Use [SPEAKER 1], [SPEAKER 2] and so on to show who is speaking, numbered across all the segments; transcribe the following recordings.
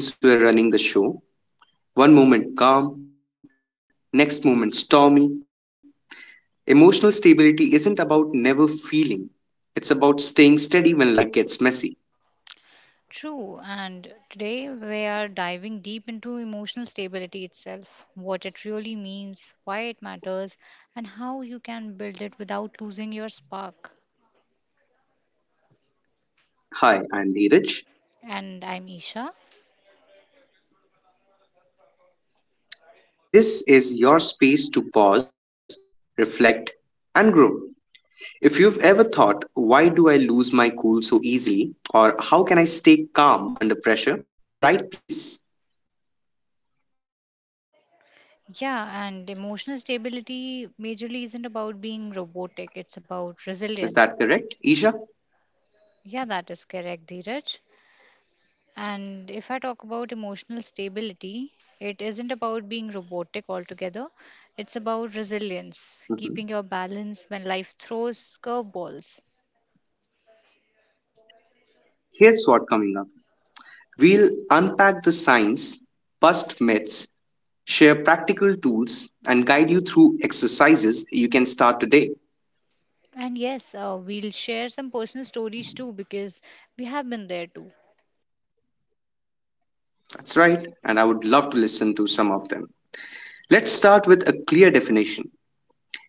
[SPEAKER 1] Ever felt like your emotions were running the show? One moment calm, next moment stormy. Emotional stability isn't about never feeling, it's about staying steady when life gets messy.
[SPEAKER 2] True, and today we are diving deep into emotional stability itself, what it really means, why it matters, and how you can build it without losing your spark.
[SPEAKER 1] Hi, I'm Neeraj.
[SPEAKER 2] And I'm Isha.
[SPEAKER 1] This is your space to pause, reflect, and grow. If you've ever thought, why do I lose my cool so easily, or how can I stay calm under pressure, you're in the right place.
[SPEAKER 2] Yeah, and emotional stability majorly isn't about being robotic, it's about
[SPEAKER 1] Is
[SPEAKER 2] resilience.
[SPEAKER 1] that correct, Isha?
[SPEAKER 2] Yeah, that is correct, Dheeraj. And if I talk about emotional stability, it isn't about being robotic altogether. It's about resilience, keeping
[SPEAKER 1] Mhm.
[SPEAKER 2] your balance when life throws curveballs.
[SPEAKER 1] Here's what coming up. We'll unpack the science, bust myths, share practical tools, and guide you through exercises you can start today.
[SPEAKER 2] And yes, we'll share some personal stories too because we have been there too.
[SPEAKER 1] That's right, and I would love to listen to some of them. Let's start with a clear definition.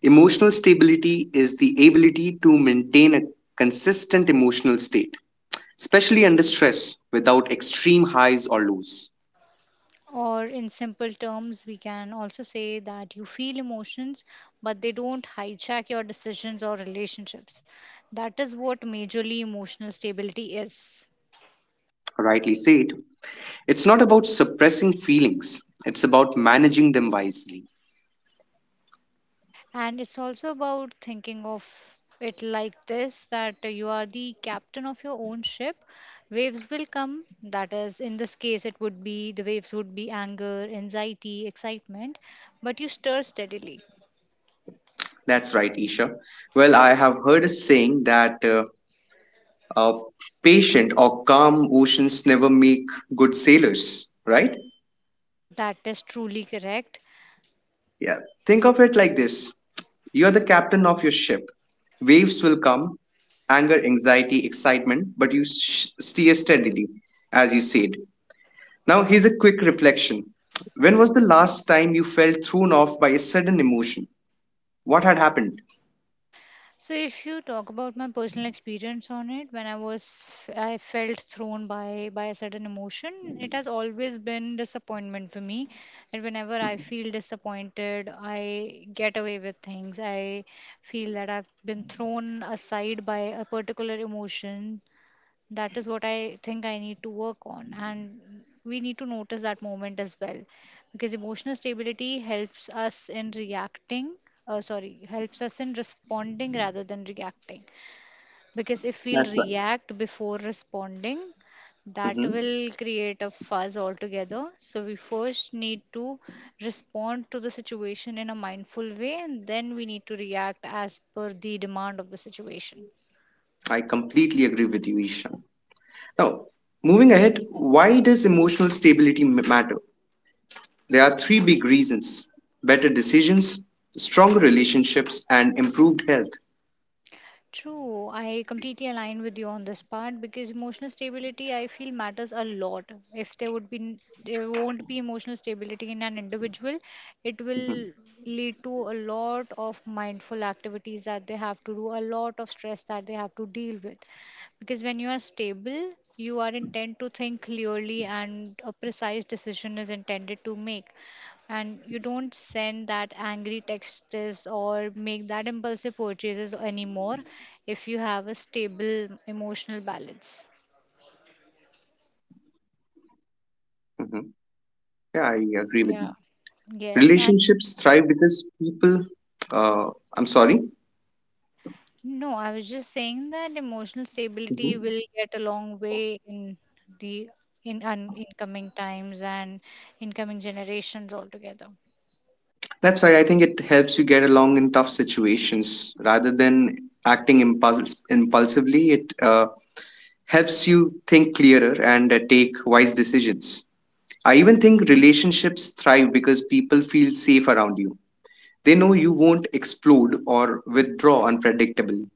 [SPEAKER 1] Emotional stability is the ability to maintain a consistent emotional state, especially under stress, without extreme highs or lows.
[SPEAKER 2] Or in simple terms, we can also say that you feel emotions, but they don't hijack your decisions or relationships. That is what majorly emotional stability is.
[SPEAKER 1] Rightly said, it's not about suppressing feelings, it's about managing them wisely.
[SPEAKER 2] And it's also about thinking of it like this that you are the captain of your own ship. Waves will come. That is, in this case, it would be the waves would be anger, anxiety, excitement, but you stir steadily.
[SPEAKER 1] That's right, Isha. Well, I have heard a saying that uh, patient or calm oceans never make good sailors, right?
[SPEAKER 2] That is truly correct.
[SPEAKER 1] Yeah. Think of it like this. You're the captain of your ship. Waves will come, anger, anxiety, excitement, but you steer steadily, as you said. Now, here's a quick reflection. When was the last time you felt thrown off by a sudden emotion? What had happened?
[SPEAKER 2] So if you talk about my personal experience on it, when I was I felt thrown by a certain emotion. It has always been disappointment for me. And whenever I feel disappointed, I get away with things. I feel that I've been thrown aside by a particular emotion. That is what I think I need to work on, and we need to notice that moment as well, because emotional stability helps us in responding rather than reacting. Because if we'll
[SPEAKER 1] That's right.
[SPEAKER 2] react before responding, that
[SPEAKER 1] Hmm.
[SPEAKER 2] will create a fuzz altogether. So we first need to respond to the situation in a mindful way, and then we need to react as per the demand of the situation.
[SPEAKER 1] I completely agree with you, Isha. Now, moving ahead, why does emotional stability matter? There are three big reasons: better decisions, stronger relationships, and improved health.
[SPEAKER 2] True, I completely align with you on this part because emotional stability, I feel, matters a lot. If there would be n- There won't be emotional stability in an individual. It will lead to a lot of mindful activities that they have to do, a lot of stress that they have to deal with. Because when you are stable, you are intent to think clearly and a precise decision is intended to make, and you don't send that angry texts or make that impulsive purchases anymore if you have a stable emotional balance.
[SPEAKER 1] Mhm. Yeah, I agree with you.
[SPEAKER 2] Yeah.
[SPEAKER 1] Relationships
[SPEAKER 2] Yes,
[SPEAKER 1] thrive
[SPEAKER 2] and
[SPEAKER 1] because people, uh, I'm sorry.
[SPEAKER 2] no, I was just saying that emotional
[SPEAKER 1] Mhm.
[SPEAKER 2] stability will get a long way in the incoming times and incoming generations altogether.
[SPEAKER 1] That's right. I think it helps you get along in tough situations rather than acting impulsively. It helps you think clearer and take wise decisions. I even think relationships thrive because people feel safe around you. They know you won't explode or withdraw unpredictably.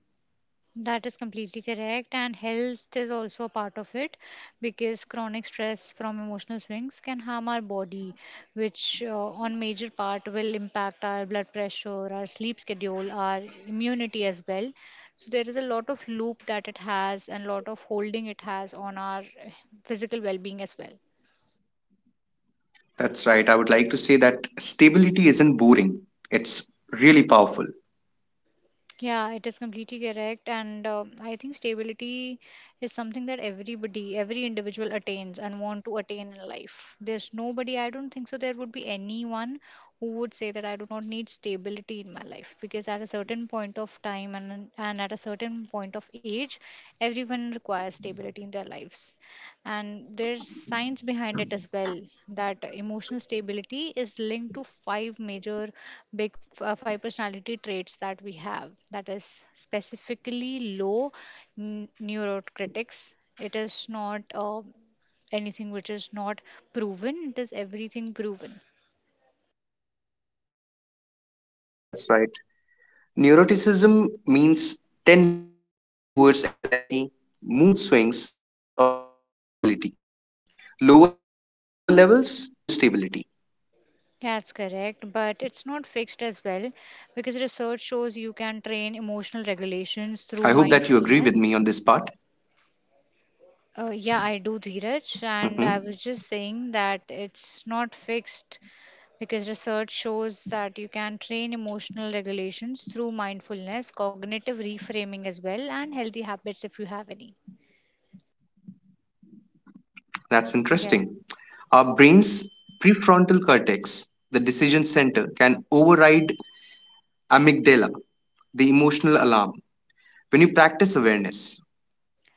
[SPEAKER 2] That is completely correct. And health is also a part of it because chronic stress from emotional swings can harm our body, which on major part will impact our blood pressure, our sleep schedule, our immunity as well. So there is a lot of loop that it has and lot of holding it has on our physical well-being as well.
[SPEAKER 1] That's right. I would like to say that stability isn't boring, it's really powerful.
[SPEAKER 2] Yeah, it is completely correct. And I think stability is something that everybody, every individual attains and want to attain in life. There's nobody, I don't think so, there would be anyone who would say that I do not need stability in my life, because at a certain point of time and at a certain point of age, everyone requires stability in their lives. And there's science behind it as well, that emotional stability is linked to five major big five personality traits that we have. That is specifically low neurocritics. It is not anything which is not proven, it is everything proven.
[SPEAKER 1] That's right. Neuroticism means tendency towards anxiety, mood swings, or irritability. Lower levels means more stability.
[SPEAKER 2] That's correct, but it's not fixed as well because research shows you can train emotional
[SPEAKER 1] I hope that
[SPEAKER 2] regulations
[SPEAKER 1] you
[SPEAKER 2] through
[SPEAKER 1] agree with me on this
[SPEAKER 2] mindfulness.
[SPEAKER 1] part.
[SPEAKER 2] Yeah, I do, Dheeraj,
[SPEAKER 1] Mhm.
[SPEAKER 2] and I was just saying that it's not fixed because research shows that you can train emotional regulations through mindfulness, cognitive reframing as well, and healthy habits if you have any.
[SPEAKER 1] That's
[SPEAKER 2] Yeah.
[SPEAKER 1] interesting. Our brain's prefrontal cortex, the decision center, can override amygdala, the emotional alarm. When you practice awareness,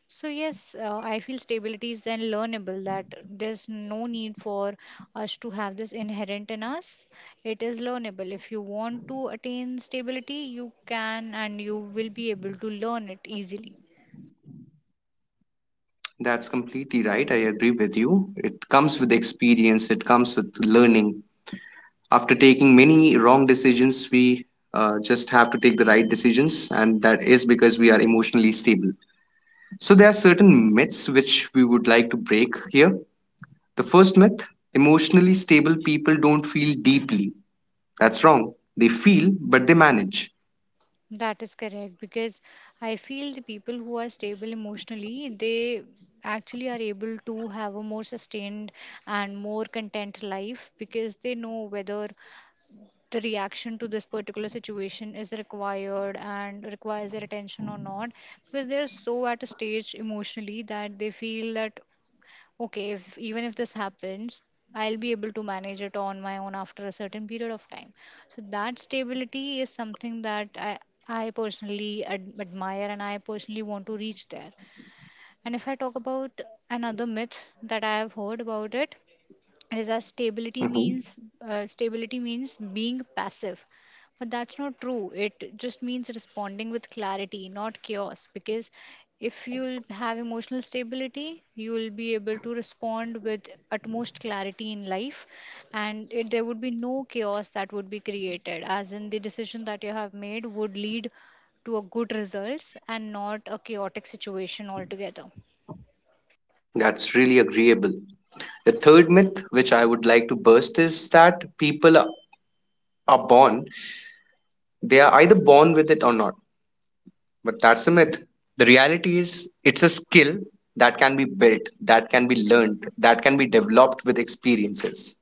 [SPEAKER 2] So yes, I feel stability is then learnable, that there's no need for us to have this inherent in us. It is learnable. If you want to attain stability, you can, and you will be able to learn it easily.
[SPEAKER 1] that's completely right. I agree with you. It comes with experience, it comes with learning, after taking many wrong decisions, we just have to take the right decisions, and that is because we are emotionally stable. So, there are certain myths which we would like to break here. The first myth: emotionally stable people don't feel deeply. That's wrong. They feel, but they manage.
[SPEAKER 2] That is correct, because I feel the people who are stable emotionally, they actually are able to have a more sustained and more content life, because they know whether the reaction to this particular situation is required and requires their attention or not, because they are so at a stage emotionally that they feel that, okay, if even if this happens, I'll be able to manage it on my own after a certain period of time. So that stability is something that I personally admire, and I personally want to reach there. And if I talk about another myth that I have heard about it, Reza, stability
[SPEAKER 1] Mhm.
[SPEAKER 2] means uh, stability means being passive, but that's not true. It just means responding with clarity, not chaos. Because if you'll have emotional stability, you'll be able to respond with utmost clarity in life, and there would be no chaos that would be created. As in, the decision that you have made would lead to a good results and not a chaotic situation altogether.
[SPEAKER 1] That's really agreeable. The third myth, which I would like to burst, is that people are born, they are either born with it or not. But that's a myth. The reality is, it's a skill that can be built, that can be learned, that can be developed with experiences.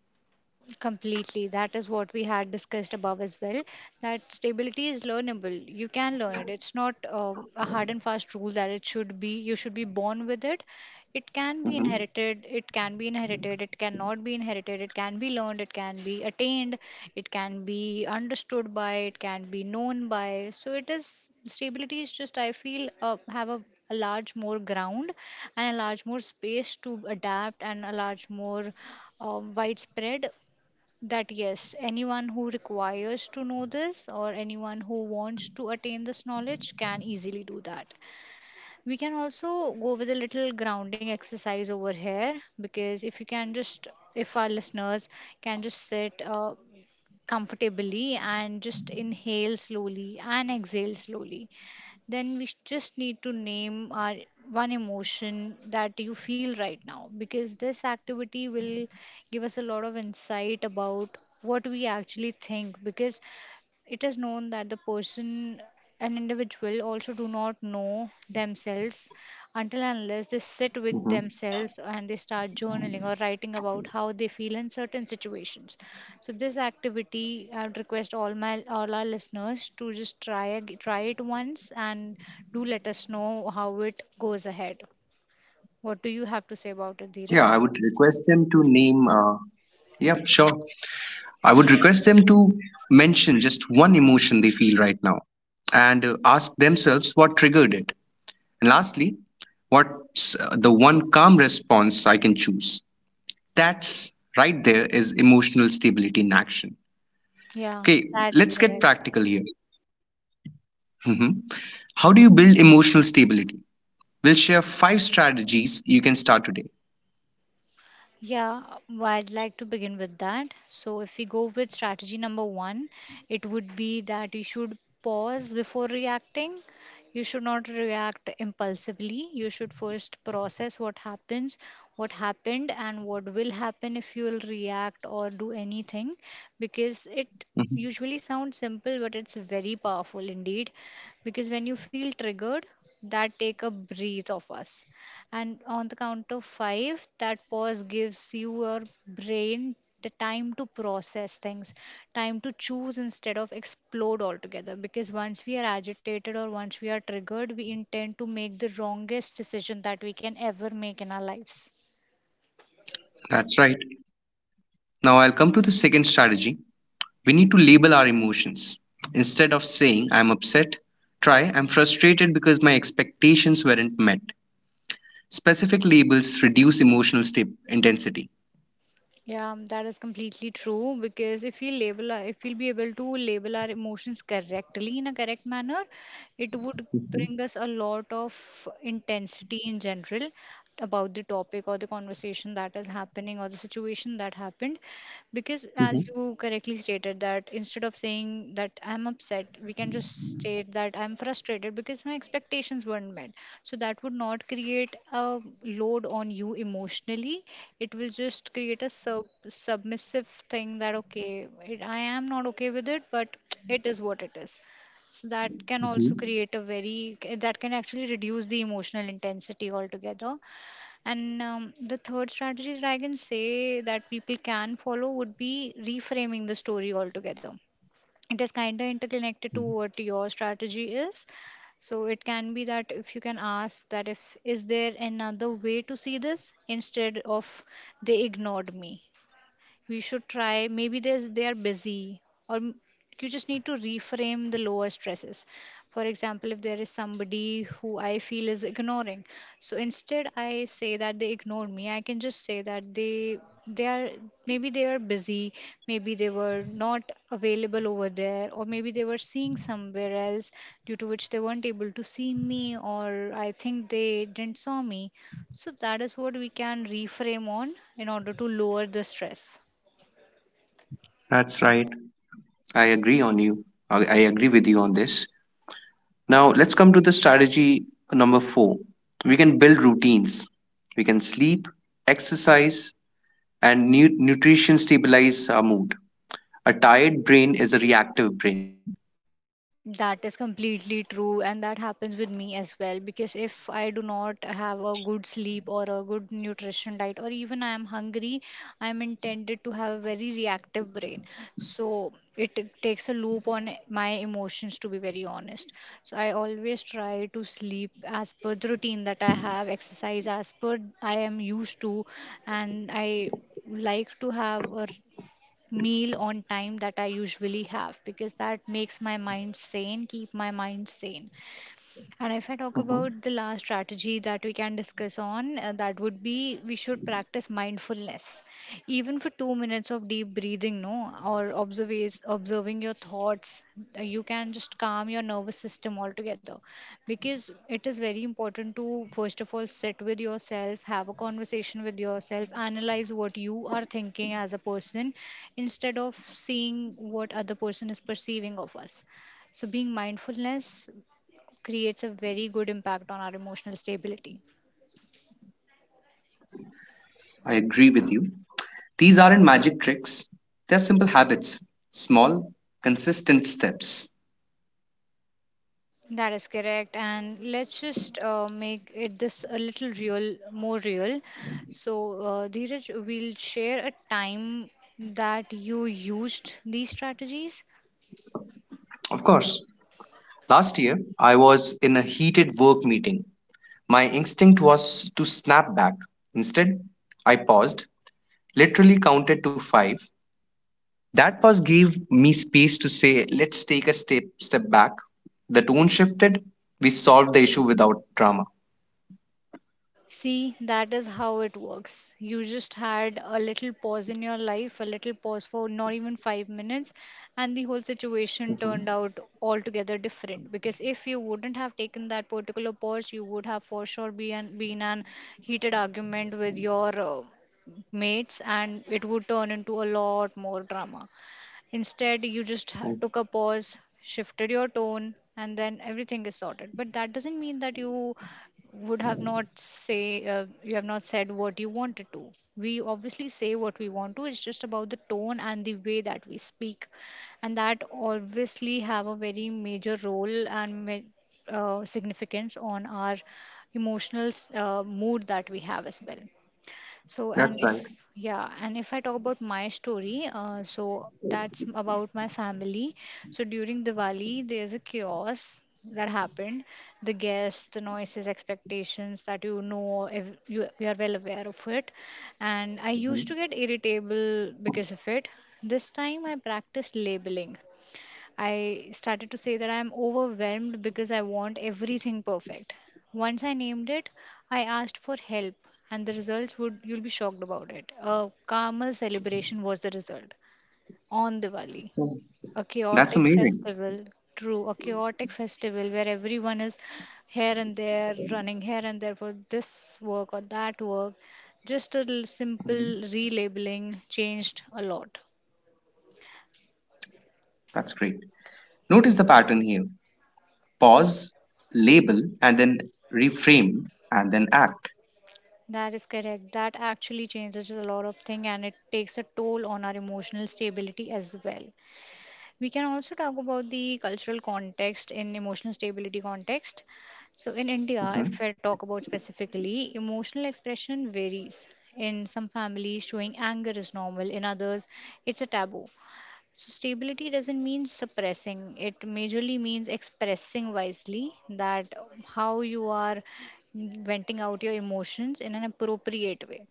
[SPEAKER 2] Completely. That is what we had discussed above as well. That stability is learnable. You can learn it. It's not a hard and fast rule that it should be, you should be born with it. It can be
[SPEAKER 1] Hmm.
[SPEAKER 2] inherited. It can be inherited. It cannot be inherited. It can be learned. It can be attained. It can be understood by. It can be known by. So it is, stability is just, I feel, have a large more ground and a large more space to adapt and a large more widespread, that yes, anyone who requires to know this or anyone who wants to attain this knowledge can easily do that. We can also go with a little grounding exercise over here. Because if our listeners can just sit comfortably and just inhale slowly and exhale slowly, then we just need to name our one emotion that you feel right now, because this activity will give us a lot of insight about what we actually think, because it is known that the person an individual also do not know themselves until and unless they
[SPEAKER 1] Hmm.
[SPEAKER 2] sit with themselves and they start journaling or writing about how they feel in certain situations. So this activity, I would request all our listeners to just try try it once and do let us know how it goes ahead. What do you have to say about it,
[SPEAKER 1] Yeah, I
[SPEAKER 2] Dheeraj?
[SPEAKER 1] would request them to name. Yeah, sure. I would request them to mention just one emotion they feel right now and ask themselves what triggered it. And lastly, what's the one calm response I can choose? That's right, there is emotional stability in action.
[SPEAKER 2] Yeah,
[SPEAKER 1] Okay,
[SPEAKER 2] that's
[SPEAKER 1] let's
[SPEAKER 2] correct.
[SPEAKER 1] get practical here. Mhm. How do you build emotional stability? We'll share five strategies you can start today.
[SPEAKER 2] Yeah, well, I'd like to begin with that. So, if we go with strategy number one, it would be that you should pause before reacting. You should not react impulsively. You should first process what happens, what happened, and what will happen if you will react or do anything, because it
[SPEAKER 1] Mhm.
[SPEAKER 2] usually sounds simple, but it's very powerful indeed. Because when you feel triggered, that take a breath of us and on the count of 5, that pause gives your brain the time to process things, time to choose instead of explode altogether, because once we are agitated or once we are triggered, we intend to make the wrongest decision that we can ever make in our lives.
[SPEAKER 1] That's right. Now I'll come to the second strategy. We need to label our emotions. Instead of saying I'm upset, try I'm frustrated because my expectations weren't met. Specific labels reduce emotional intensity.
[SPEAKER 2] Yeah, that is completely true, because if we label, if we'll be able to label our emotions correctly in a correct manner, it would
[SPEAKER 1] Mhm,
[SPEAKER 2] bring us a lot of intensity in general about the topic or the conversation that is happening or the situation that happened. Because as
[SPEAKER 1] mhm,
[SPEAKER 2] you correctly stated, that instead of saying that I'm upset, we can just state that I'm frustrated because my expectations weren't met. So that would not create a load on you emotionally. It will just create a submissive thing that, okay, it, I am not okay with it, but it is what it is. So that can also
[SPEAKER 1] mhm.
[SPEAKER 2] create a very, that can actually reduce the emotional intensity altogether. And the third strategy that I can say that people can follow would be reframing the story altogether. It is kind of interconnected to what your strategy is. So it can be that if you can ask that, if is there another way to see this, instead of they ignored me, we should try maybe there's they are busy, or m- you just need to reframe the lower stresses. For example, if there is somebody who I feel is ignoring, so instead I say that they ignored me, I can just say that they are maybe they are busy, maybe they were not available over there, or maybe they were seeing somewhere else, due to which they weren't able to see me, or I think they didn't saw me. So that is what we can reframe on in order to lower the stress.
[SPEAKER 1] That's right. I agree on you. I agree with you on this. Now, let's come to the strategy number four. We can build routines. We can sleep, exercise, and nutrition stabilize our mood. A tired brain is a reactive brain.
[SPEAKER 2] That is completely true, and that happens with me as well. Because if I do not have a good sleep or a good nutrition diet, or even I am hungry, I am intended to have a very reactive brain. So it takes a loop on my emotions, to be very honest. So I always try to sleep as per the routine that I have, exercise as per I am used to, and I like to have a meal on time that I usually have because that makes my mind sane, keep my mind sane. And if I talk
[SPEAKER 1] Mhm.
[SPEAKER 2] about the last strategy that we can discuss on, that would be we should practice mindfulness, even for 2 minutes of deep breathing, no, or observe observing your thoughts. You can just calm your nervous system altogether, because it is very important to first of all sit with yourself, have a conversation with yourself, analyze what you are thinking as a person, instead of seeing what other person is perceiving of us, so being mindfulness creates a very good impact on our emotional stability.
[SPEAKER 1] I agree with you. These aren't magic tricks, they're simple habits, small, consistent steps.
[SPEAKER 2] That is correct. And let's just make it this a little real, more real. So, Dheeraj, we'll share a time that you used these strategies.
[SPEAKER 1] Of course, last year I was in a heated work meeting. My instinct was to snap back. Instead, I paused, literally counted to five. That pause gave me space to say, let's take a step back. The tone shifted. We solved the issue without drama.
[SPEAKER 2] See, that is how it works. You just had a little pause in your life, a little pause for not even 5 minutes, and the whole situation turned out altogether different. Because if you wouldn't have taken that particular pause, you would have for sure been an heated argument with your mates, and it would turn into a lot more drama. Instead, you just took a pause, shifted your tone, and then everything is sorted. But that doesn't mean that you have not said what you wanted to. We obviously say what we want to. It's just about the tone and the way that we speak, and that obviously have a very major role and significance on our emotional mood that we have as well. So
[SPEAKER 1] That's
[SPEAKER 2] and if
[SPEAKER 1] right.
[SPEAKER 2] Yeah, and if I talk about my story, so that's about my family. So during Diwali, there's a chaos that happened, the guests, the noises, expectations that you know if you are well aware of it. And I used to
[SPEAKER 1] Mhm.
[SPEAKER 2] get irritable because of it. This time I practiced labeling. I started to say that I'm overwhelmed because I want everything perfect. Once I named it, I asked for help, and the results, would you'll be shocked about it. A Karmal celebration was the result on Diwali, a chaotic
[SPEAKER 1] That's amazing.
[SPEAKER 2] festival. True, a chaotic festival where everyone is here and there, running here and there for this work or that work. Just a
[SPEAKER 1] Mhm.
[SPEAKER 2] simple relabeling changed a lot.
[SPEAKER 1] That's great. Notice the pattern here. Pause, label, and then reframe, and then act.
[SPEAKER 2] That is correct. That actually changes a lot of things and it takes a toll on our emotional stability as well. We can also talk about the cultural context in emotional stability context. So in India, if
[SPEAKER 1] Mhm.
[SPEAKER 2] I talk about specifically, emotional expression varies. In some families, showing anger is normal. In others, it's a taboo. So stability doesn't mean suppressing. It majorly means expressing wisely that how you are venting out your emotions in an appropriate way.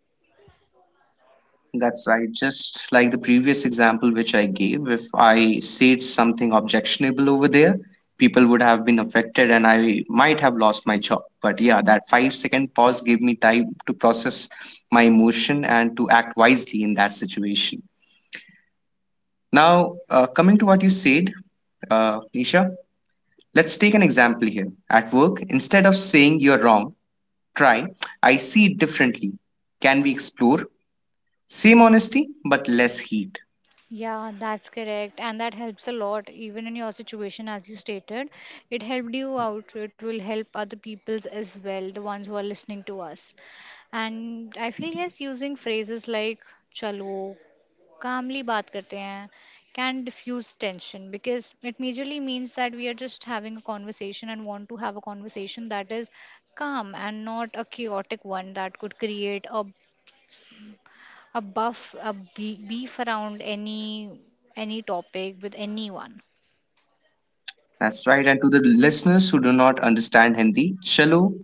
[SPEAKER 1] That's right. Just like the previous example which I gave, if I said something objectionable over there, people would have been affected and I might have lost my job. But yeah, that 5-second pause gave me time to process my emotion and to act wisely in that situation. Now, coming to what you said, Nisha, let's take an example here. At work, instead of saying you're wrong, try, I see it differently. Can we explore? Same honesty, but less heat.
[SPEAKER 2] Yeah, that's correct. And that helps a lot, even in your situation, as you stated. It helped you out. It will help other people's as well, the ones who are listening to us. And I feel yes, using phrases like chalo, calmly baat karte hain can diffuse tension because it majorly means that we are just having a conversation and want to have a conversation that is calm and not a chaotic one that could create a beef around any topic with anyone.
[SPEAKER 1] That's right. And to the listeners who do not understand Hindi, chalo,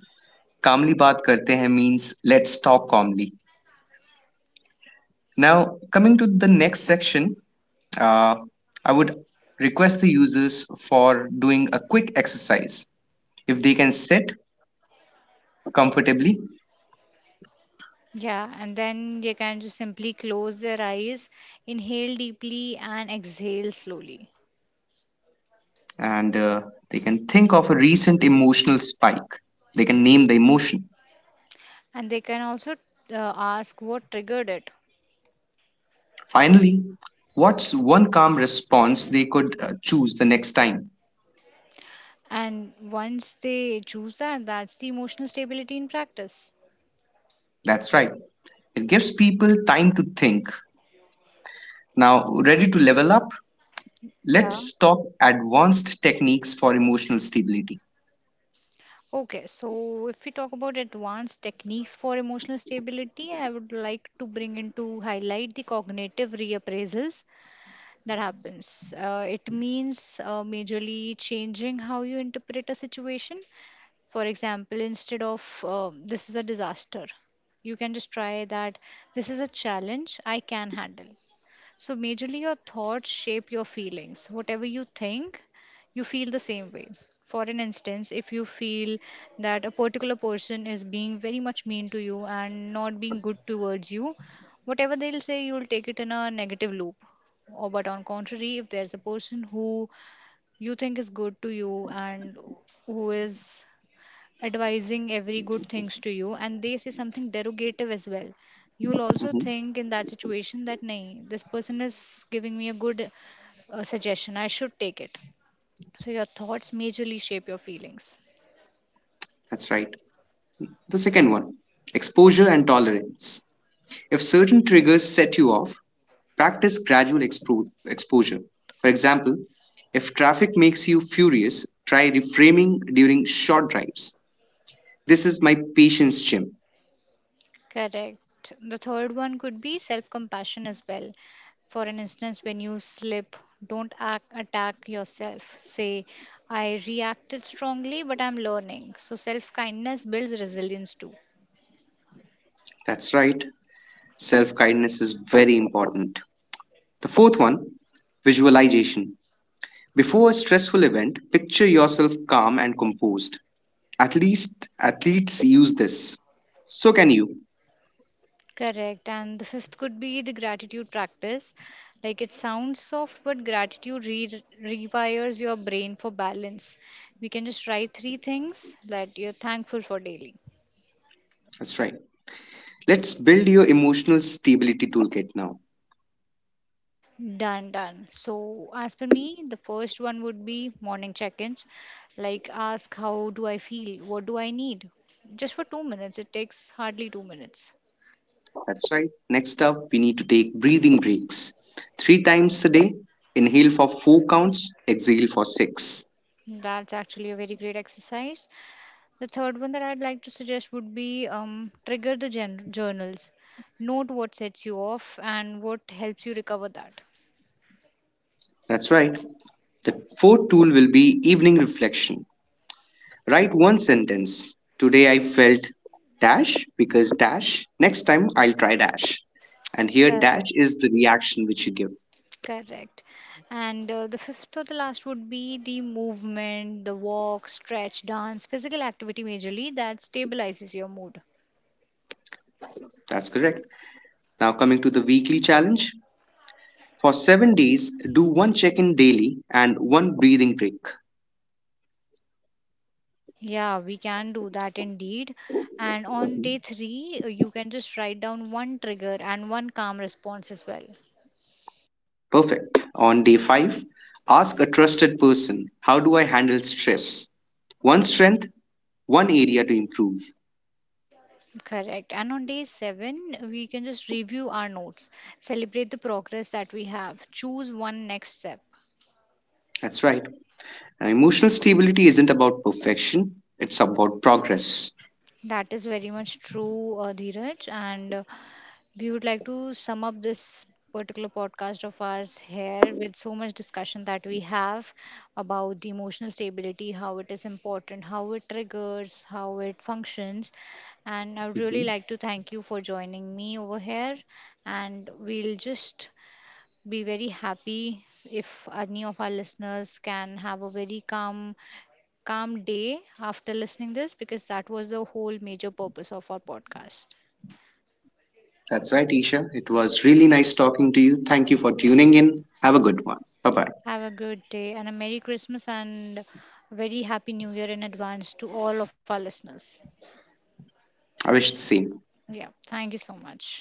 [SPEAKER 1] calmly baat karte hain means let's talk calmly. Now, coming to the next section, uh, I would request the users for doing a quick exercise. If they can sit comfortably
[SPEAKER 2] Yeah, and then they can just simply close their eyes, inhale deeply, and exhale slowly.
[SPEAKER 1] and they can think of a recent emotional spike, they can name the emotion.
[SPEAKER 2] And they can also ask what triggered it.
[SPEAKER 1] Finally, what's one calm response they could choose the next time?
[SPEAKER 2] And once they choose that, that's the emotional stability in practice.
[SPEAKER 1] That's right. It gives people time to think. Now, ready to level up?
[SPEAKER 2] Yeah.
[SPEAKER 1] Let's talk advanced techniques for emotional stability.
[SPEAKER 2] Okay, so if we talk about advanced techniques for emotional stability, I would like to bring into highlight the cognitive reappraisals that happens. It means majorly changing how you interpret a situation. For example, instead of this is a disaster, you can just try that this is a challenge I can handle. So, majorly, your thoughts shape your feelings. Whatever you think, you feel the same way. For an instance, if you feel that a particular person is being very much mean to you and not being good towards you, whatever they'll say, you'll take it in a negative loop. Or, but on contrary, if there's a person who you think is good to you and who is advising every good things to you and they say something derogative as well, you'll also
[SPEAKER 1] Mhm.
[SPEAKER 2] think in that situation that nahi, this person is giving me a good suggestion, I should take it. So your thoughts majorly shape your feelings.
[SPEAKER 1] That's right. The second one: exposure and tolerance. If certain triggers set you off, practice gradual exposure. For example, if traffic makes you furious, try reframing during short drives. This is my patience gym.
[SPEAKER 2] Correct, the third one could be self compassion as well. For an instance, when you slip, don't attack yourself, say I reacted strongly but I'm learning. So self kindness builds resilience too.
[SPEAKER 1] That's right. Self kindness is very important. The fourth one: visualization. Before a stressful event, picture yourself calm and composed. At least athletes use this. So can you.
[SPEAKER 2] Correct. And the fifth could be the gratitude practice. Like, it sounds soft, but gratitude rewires your brain for balance. We can just write three things that you're thankful for daily.
[SPEAKER 1] That's right. Let's build your emotional stability toolkit now.
[SPEAKER 2] Done, done. So, as per me, the first one would be morning check ins. Like, ask, how do I feel? What do I need? Just for 2 minutes. It takes hardly 2 minutes.
[SPEAKER 1] That's right. Next up, we need to take breathing breaks. Three times a day, inhale for four counts, exhale for six.
[SPEAKER 2] That's actually a very great exercise. The third one that I'd like to suggest would be trigger the journals. Note what sets you off and what helps you recover that.
[SPEAKER 1] That's right. The fourth tool will be evening reflection. Write one sentence. Today I felt dash because dash. Next time I'll try dash. And here dash
[SPEAKER 2] Correct.
[SPEAKER 1] is the reaction which you give.
[SPEAKER 2] Correct. And the fifth or the last would be the movement, the walk, stretch, dance, physical activity majorly that stabilizes your mood.
[SPEAKER 1] That's correct. Now coming to the weekly challenge. For 7 days, do one check-in daily and one breathing break.
[SPEAKER 2] Yeah, we can do that indeed. And on day three, you can just write down one trigger and one calm response as well.
[SPEAKER 1] Perfect. On day 5, ask a trusted person, how do I handle stress? One strength, one area to improve.
[SPEAKER 2] Correct. And on day seven, we can just review our notes, celebrate the progress that we have, choose one next step.
[SPEAKER 1] That's right. Now, emotional stability isn't about perfection, it's about progress.
[SPEAKER 2] That is very much true, Dheeraj. And we would like to sum up this particular podcast of ours here with so much discussion that we have about the emotional stability, how it is important, how it triggers, how it functions. And I would really
[SPEAKER 1] Mm-hmm.
[SPEAKER 2] like to thank you for joining me over here. And we'll just be very happy if any of our listeners can have a very calm day after listening this, because that was the whole major purpose of our podcast.
[SPEAKER 1] That's right, Isha. It was really nice talking to you. Thank you for tuning in. Have a good one. Bye bye.
[SPEAKER 2] Have a good day and a merry Christmas and very happy new year in advance to all of our listeners.
[SPEAKER 1] I wish the same.
[SPEAKER 2] Yeah, thank you so much.